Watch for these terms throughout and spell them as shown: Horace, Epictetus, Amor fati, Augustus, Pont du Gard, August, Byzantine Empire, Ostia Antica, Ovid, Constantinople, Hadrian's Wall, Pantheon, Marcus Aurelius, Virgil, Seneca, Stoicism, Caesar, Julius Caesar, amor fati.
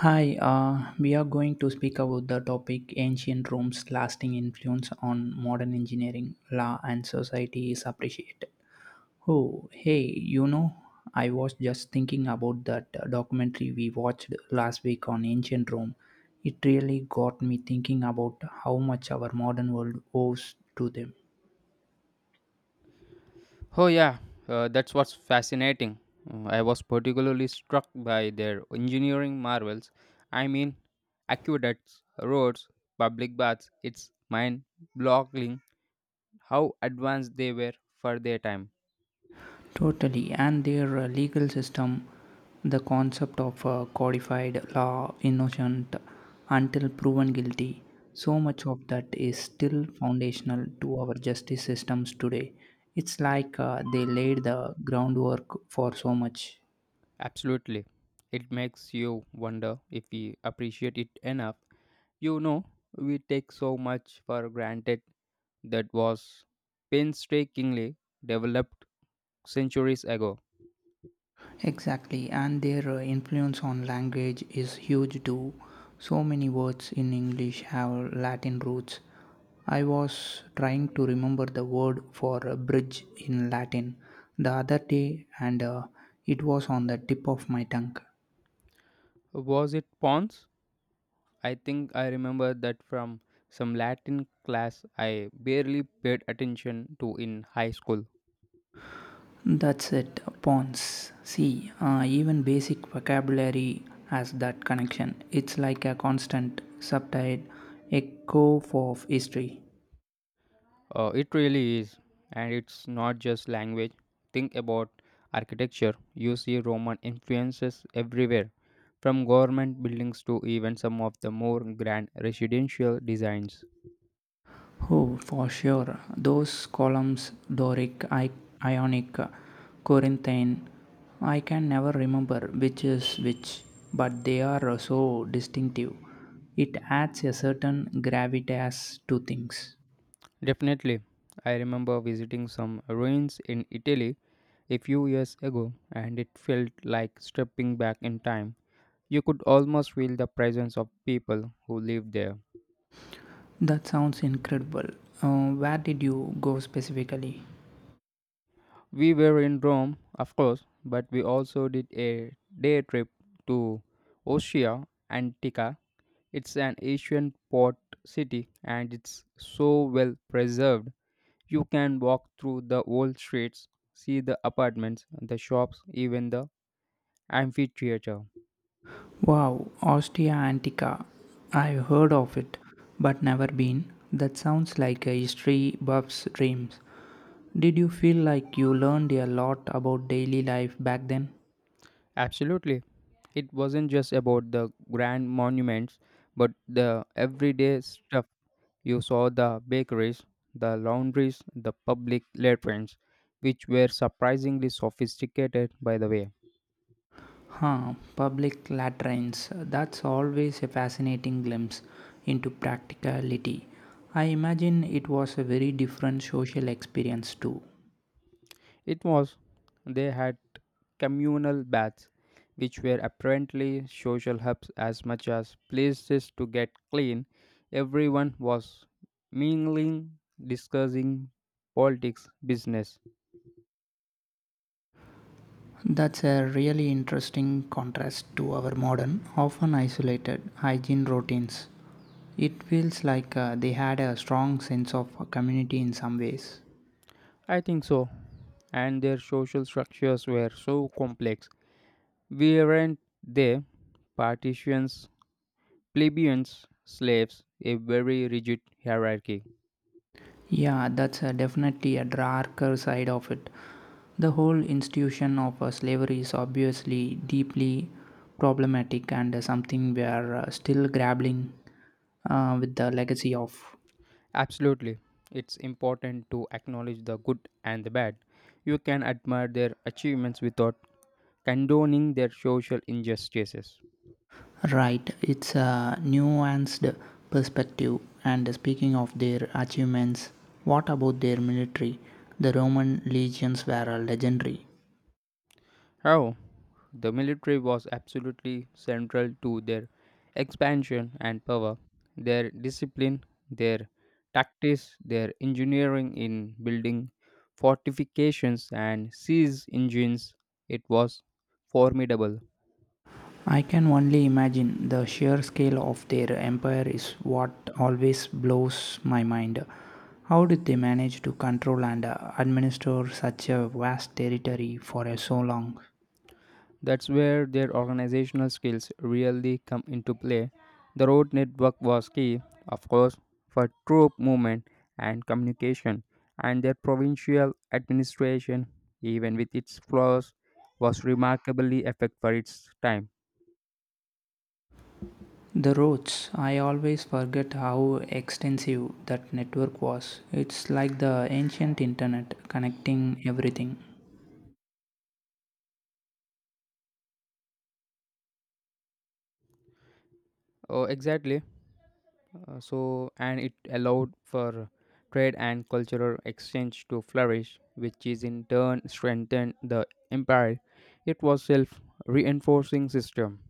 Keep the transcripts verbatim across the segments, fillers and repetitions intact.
Hi, uh, we are going to speak about the topic ancient Rome's lasting influence on modern engineering, law, and society is appreciated. Oh, hey, you know, I was just thinking about that uh, documentary we watched last week on ancient Rome. It really got me thinking about how much our modern world owes to them. Oh, yeah, uh, that's what's fascinating. Uh, I was particularly struck by their engineering marvels. I mean, aqueducts, roads, public baths. It's mind boggling how advanced they were for their time. Totally, and their uh, legal system, the concept of uh, codified law, innocent until proven guilty, so much of that is still foundational to our justice systems today. It's like uh, they laid the groundwork for so much. Absolutely. It makes you wonder if we appreciate it enough. You know, we take so much for granted that was painstakingly developed centuries ago. Exactly, and their uh, influence on language is huge too. So many words in English have Latin roots. I was trying to remember the word for a bridge in Latin the other day, and uh, it was on the tip of my tongue. Was it pawns? I think I remember that from some Latin class I barely paid attention to in high school. That's it, pawns. See, uh, even basic vocabulary has that connection. It's like a constant, subtitled echo of history. Uh, it really is, and it's not just language. Think about architecture. You see Roman influences everywhere, from government buildings to even some of the more grand residential designs. Oh, for sure. Those columns, Doric, I- Ionic, Corinthian, I can never remember which is which, but they are so distinctive. It adds a certain gravitas to things. Definitely, I remember visiting some ruins in Italy a few years ago, and it felt like stepping back in time. You could almost feel the presence of people who lived there. That sounds incredible. Uh, where did you go specifically? We were in Rome, of course, but we also did a day trip to Ostia Antica. It's an ancient port city and it's so well preserved. You can walk through the old streets, see the apartments, the shops, even the amphitheater. Wow, Ostia Antica. I've heard of it, but never been. That sounds like a history buff's dreams. Did you feel like you learned a lot about daily life back then? Absolutely. It wasn't just about the grand monuments, but the everyday stuff. You saw the bakeries, the laundries, the public latrines, which were surprisingly sophisticated, by the way. Huh, public latrines. That's always a fascinating glimpse into practicality. I imagine it was a very different social experience too. It was they had communal baths, which were apparently social hubs as much as places to get clean. Everyone was mingling, discussing politics, business. That's a really interesting contrast to our modern, often isolated hygiene routines. It feels like uh, they had a strong sense of community in some ways. I think so. And their social structures were so complex. We weren't there. Partitions, plebeians, slaves, a very rigid hierarchy. Yeah, that's uh, definitely a darker side of it. The whole institution of uh, slavery is obviously deeply problematic and uh, something we are uh, still grappling uh, with the legacy of. Absolutely. It's important to acknowledge the good and the bad. You can admire their achievements without condoning their social injustices. Right, it's a nuanced perspective. And speaking of their achievements, what about their military? The Roman legions were uh, legendary. How? The military was absolutely central to their expansion and power. Their discipline, their tactics, their engineering in building fortifications and siege engines, it was formidable. I can only imagine. The sheer scale of their empire is what always blows my mind. How did they manage to control and uh, administer such a vast territory for uh, so long? That's where their organizational skills really come into play. The road network was key, of course, for troop movement and communication, and their provincial administration, even with its flaws, was remarkably effective for its time. The roads, I always forget how extensive that network was. It's like the ancient internet connecting everything. Oh, exactly. Uh, so, and it allowed for trade and cultural exchange to flourish, which is in turn strengthened the empire. It was self-reinforcing system.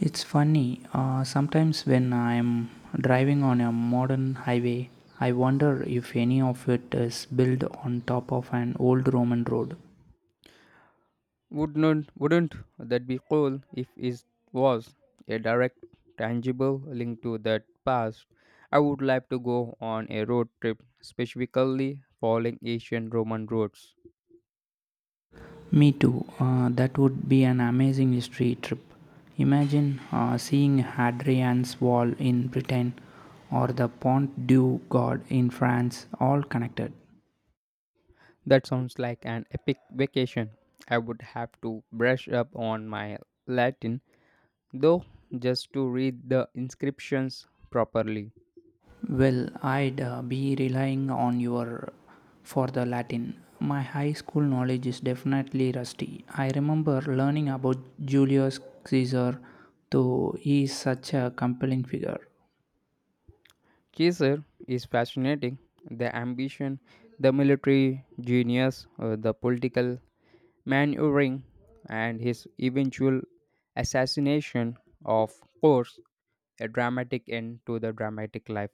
It's funny, uh, sometimes when I'm driving on a modern highway, I wonder if any of it is built on top of an old Roman road. Wouldn't wouldn't that be cool if it was a direct, tangible link to that past? I would like to go on a road trip, specifically following ancient Roman roads. Me too, uh, that would be an amazing history trip. Imagine uh, seeing Hadrian's Wall in Britain or the Pont du Gard in France, all connected. That sounds like an epic vacation. I would have to brush up on my Latin, though, just to read the inscriptions properly. Well, I'd uh, be relying on your for the Latin. My high school knowledge is definitely rusty. I remember learning about Julius Caesar, though he is such a compelling figure. Caesar is fascinating. The ambition, the military genius, uh, the political maneuvering, and his eventual assassination, of course, a dramatic end to the dramatic life.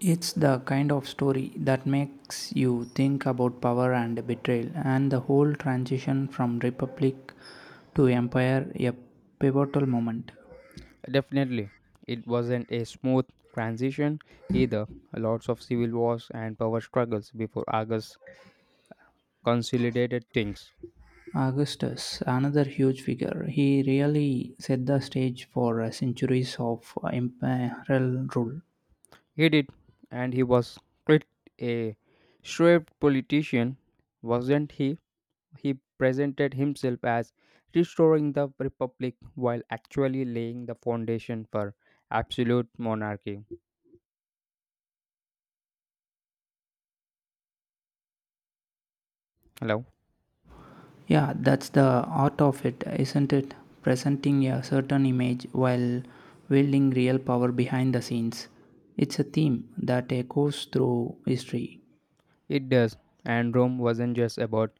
It's the kind of story that makes you think about power and betrayal, and the whole transition from republic to empire a pivotal moment. Definitely, it wasn't a smooth transition either. Lots of civil wars and power struggles before August consolidated things. Augustus, another huge figure, he really set the stage for uh, centuries of uh, imperial rule. He did, and he was quite a shrewd politician, wasn't he? He presented himself as restoring the republic while actually laying the foundation for absolute monarchy. Hello? Yeah, that's the art of it, isn't it? Presenting a certain image while wielding real power behind the scenes. It's a theme that echoes through history. It does. And Rome wasn't just about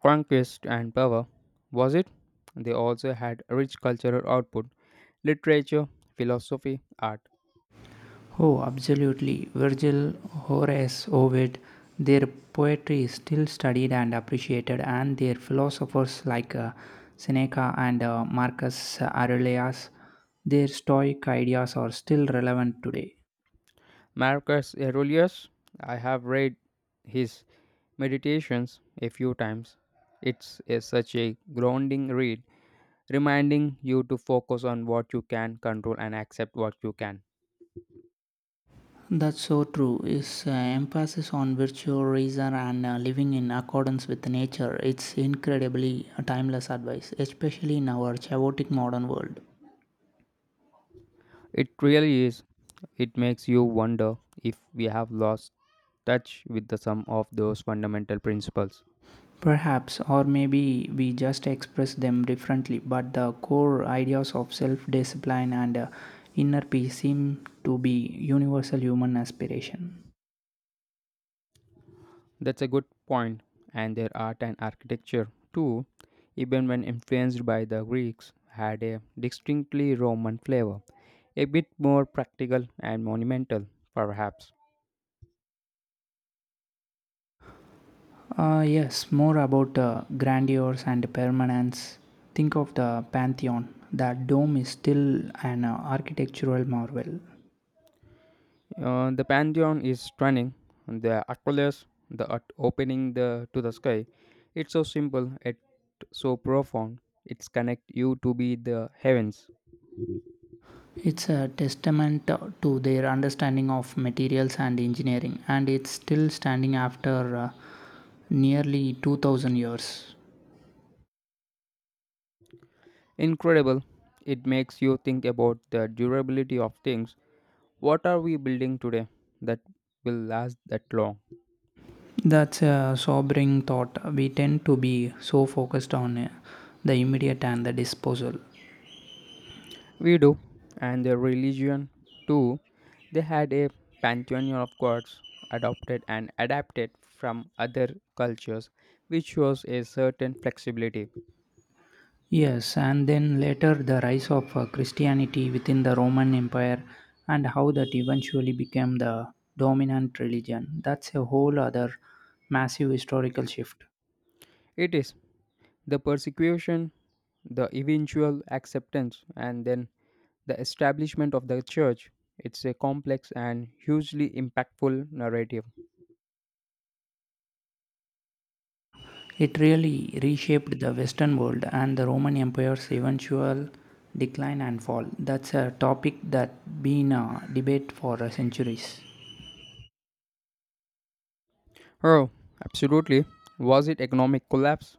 conquest and power, was it? They also had rich cultural output, literature, philosophy, art. Oh, absolutely. Virgil, Horace, Ovid, their poetry is still studied and appreciated, and their philosophers like uh, Seneca and uh, Marcus Aurelius, their Stoic ideas are still relevant today. Marcus Aurelius, I have read his meditations a few times. It's a, such a grounding read reminding you to focus on what you can control and accept what you can. That's so true. Is uh, emphasis on virtue, reason, and uh, living in accordance with nature. It's incredibly timeless advice, especially in our chaotic modern world. It really is. It makes you wonder if we have lost touch with the sum of those fundamental principles. Perhaps, or maybe we just express them differently, but the core ideas of self discipline and uh, inner peace seem to be universal human aspiration. That's a good point, and their art and architecture, too, even when influenced by the Greeks, had a distinctly Roman flavor, a bit more practical and monumental, perhaps. Uh, yes, more about uh, grandeurs and permanence. Think of the Pantheon. That dome is still an uh, architectural marvel. Uh, the Pantheon is stunning. The Aqueles, the ut- opening the to the sky. It's so simple yet so profound. It's connect you to be the heavens. It's a testament uh, to their understanding of materials and engineering, and it's still standing after uh, nearly two thousand years. Incredible. It makes you think about the durability of things. What are we building today that will last that long? That's a sobering thought. We tend to be so focused on uh, the immediate and the disposal. We do, and their religion too. They had a pantheon of gods adopted and adapted from other cultures, which shows a certain flexibility. Yes, and then later the rise of uh, Christianity within the Roman Empire and how that eventually became the dominant religion. That's a whole other massive historical shift. It is the persecution, the eventual acceptance, and then the establishment of the church. It's a complex and hugely impactful narrative. It really reshaped the Western world and the Roman Empire's eventual decline and fall. That's a topic that been a debate for uh, centuries. Oh, absolutely. Was it economic collapse?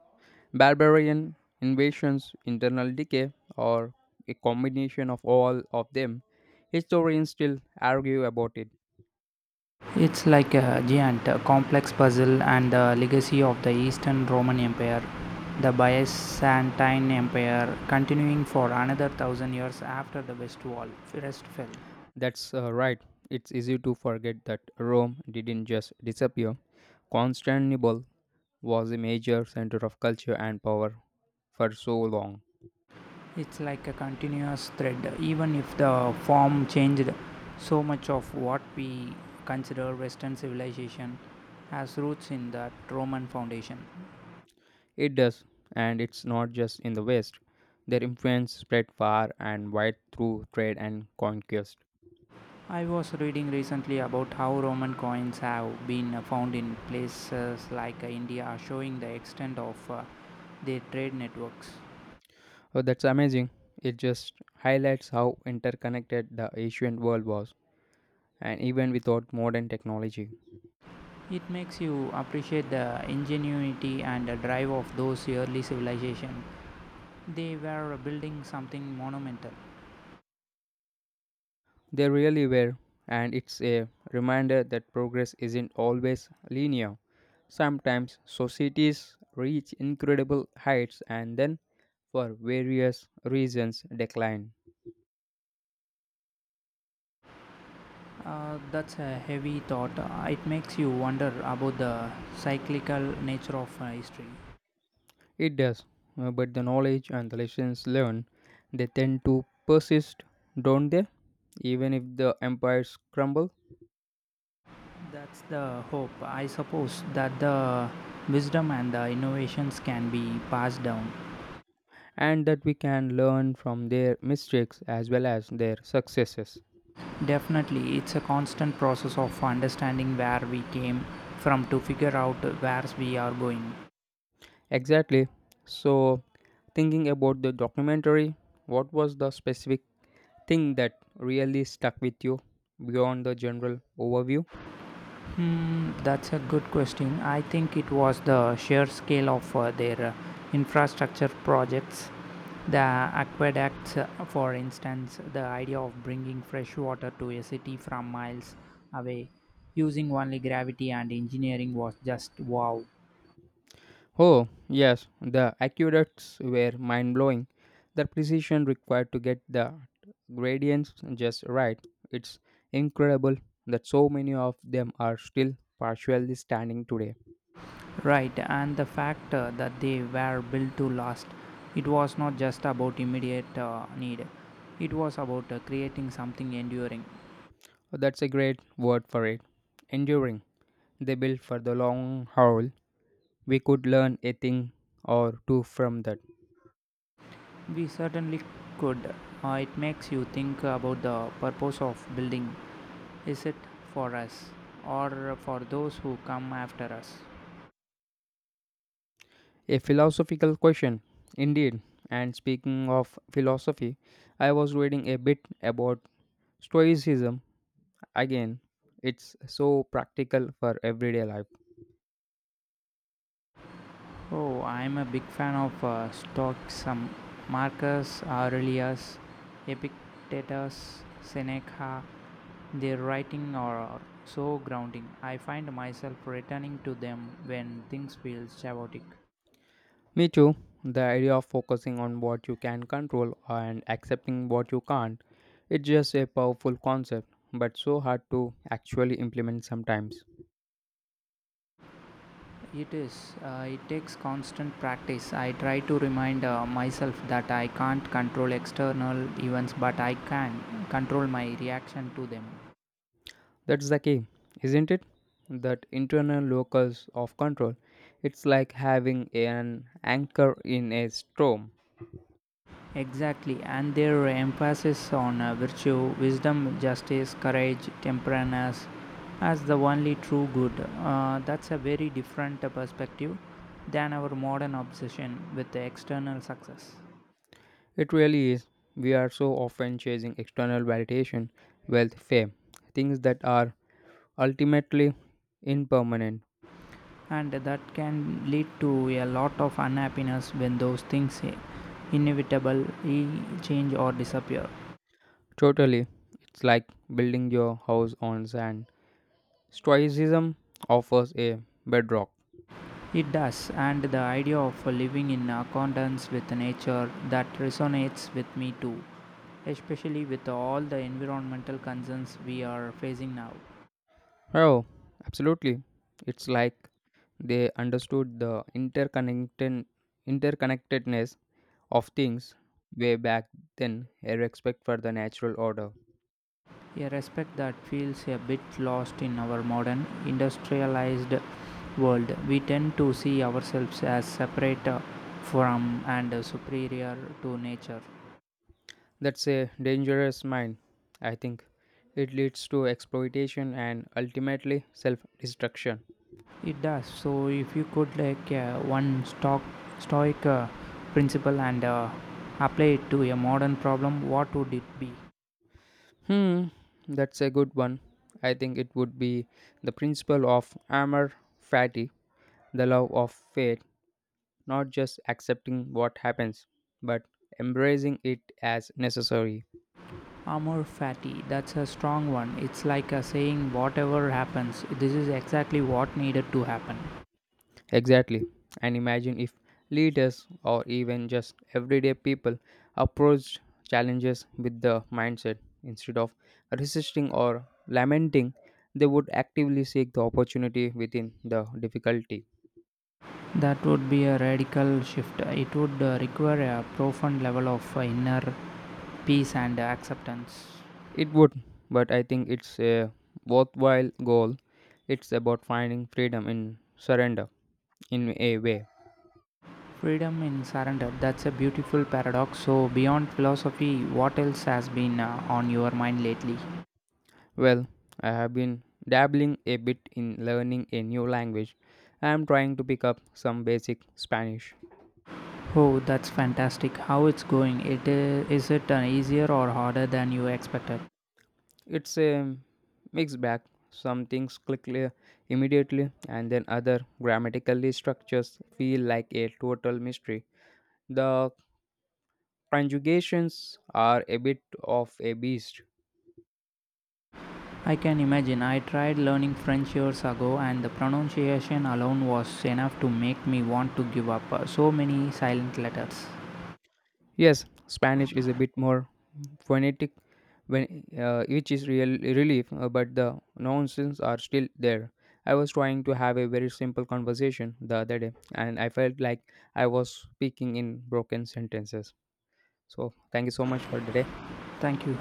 Barbarian invasions, internal decay, or a combination of all of them, historians still argue about it. It's like a giant uh, complex puzzle and the legacy of the Eastern Roman Empire, the Byzantine Empire, continuing for another thousand years after the West Wall first fell. That's uh, right. It's easy to forget that Rome didn't just disappear. Constantinople was a major center of culture and power for so long. It's like a continuous thread, even if the form changed. So much of what we consider Western civilization has roots in that Roman foundation. It does, and it's not just in the West. Their influence spread far and wide through trade and conquest. I was reading recently about how Roman coins have been found in places like India, showing the extent of uh, their trade networks. Oh, that's amazing. It just highlights how interconnected the ancient world was, and even without modern technology, It makes you appreciate the ingenuity and the drive of those early civilizations. They were building something monumental. they really were. And it's a reminder that progress isn't always linear. Sometimes societies reach incredible heights and then, for various reasons, decline. Uh, that's a heavy thought. Uh, It makes you wonder about the cyclical nature of uh, history. It does, uh, but the knowledge and the lessons learned, they tend to persist, don't they? Even if the empires crumble. That's the hope. I suppose that the wisdom and the innovations can be passed down. And that we can learn from their mistakes as well as their successes. Definitely, it's a constant process of understanding where we came from to figure out where we are going. Exactly. So, thinking about the documentary, what was the specific thing that really stuck with you beyond the general overview? Hmm, that's a good question. I think it was the sheer scale of uh, their uh, infrastructure projects. The aqueducts, uh, for instance, the idea of bringing fresh water to a city from miles away using only gravity and engineering was just wow. Oh, yes, the accurates were mind blowing. The precision required to get the gradients just right. It's incredible that so many of them are still partially standing today. Right, and the fact uh, that they were built to last, it was not just about immediate uh, need, it was about uh, creating something enduring. That's a great word for it. Enduring. They built for the long haul. We could learn a thing or two from that. We certainly could. Uh, it makes you think about the purpose of building. Is it for us or for those who come after us? A philosophical question, indeed. And speaking of philosophy, I was reading a bit about Stoicism again. It's so practical for everyday life. Oh, I'm a big fan of uh, Stoicism. Marcus Aurelius, Epictetus, Seneca, their writing are so grounding. I find myself returning to them when things feel chaotic. Me too. The idea of focusing on what you can control and accepting what you can't. It's just a powerful concept, but so hard to actually implement sometimes. It is. Uh, it takes constant practice. I try to remind uh, myself that I can't control external events, but I can control my reaction to them. That's the key, isn't it? That internal locus of control. It's like having an anchor in a storm. Exactly, and their emphasis on uh, virtue, wisdom, justice, courage, temperance as the only true good. Uh, that's a very different uh, perspective than our modern obsession with the external success. It really is. We are so often chasing external validation, wealth, fame, things that are ultimately impermanent. And that can lead to a lot of unhappiness when those things inevitably change or disappear. Totally. It's like building your house on sand. Stoicism offers a bedrock. It does, and the idea of living in accordance with nature, that resonates with me too, especially with all the environmental concerns we are facing now. Oh, absolutely. It's like they understood the interconnected interconnectedness of things way back then, a respect for the natural order. A respect that feels a bit lost in our modern industrialized world. We tend to see ourselves as separate uh, from and superior to nature. That's a dangerous mind, I think. It leads to exploitation and ultimately self-destruction. It does. So if you could like uh, one stock stoic uh, principle and uh, apply it to a modern problem, what would it be? Hmm, that's a good one. I think it would be the principle of amor fati, the love of fate not just accepting what happens, but embracing it as necessary. Amor fati. That's a strong one. It's like a saying whatever happens, this is exactly what needed to happen. Exactly. And imagine if leaders or even just everyday people approached challenges with the mindset instead of resisting or lamenting, they would actively seek the opportunity within the difficulty. That would be a radical shift. It would uh, require a profound level of uh, inner peace and uh, acceptance. It would, but I think it's a worthwhile goal. It's about finding freedom in surrender in a way. Freedom in surrender. That's a beautiful paradox. So, beyond philosophy, what else has been uh, on your mind lately? Well, I have been dabbling a bit in learning a new language. I am trying to pick up some basic Spanish. Oh, that's fantastic. How it's going? It is is it uh, easier or harder than you expected? It's a mixed bag. Some things click le- immediately, and then other grammatically structures feel like a total mystery. The conjugations are a bit of a beast. I can imagine. I tried learning French years ago and the pronunciation alone was enough to make me want to give up. Uh, so many silent letters. Yes, Spanish is a bit more phonetic when uh, each is real relief, uh, but the nonsense are still there. I was trying to have a very simple conversation the other day, and I felt like I was speaking in broken sentences. So thank you so much for the day. Thank you.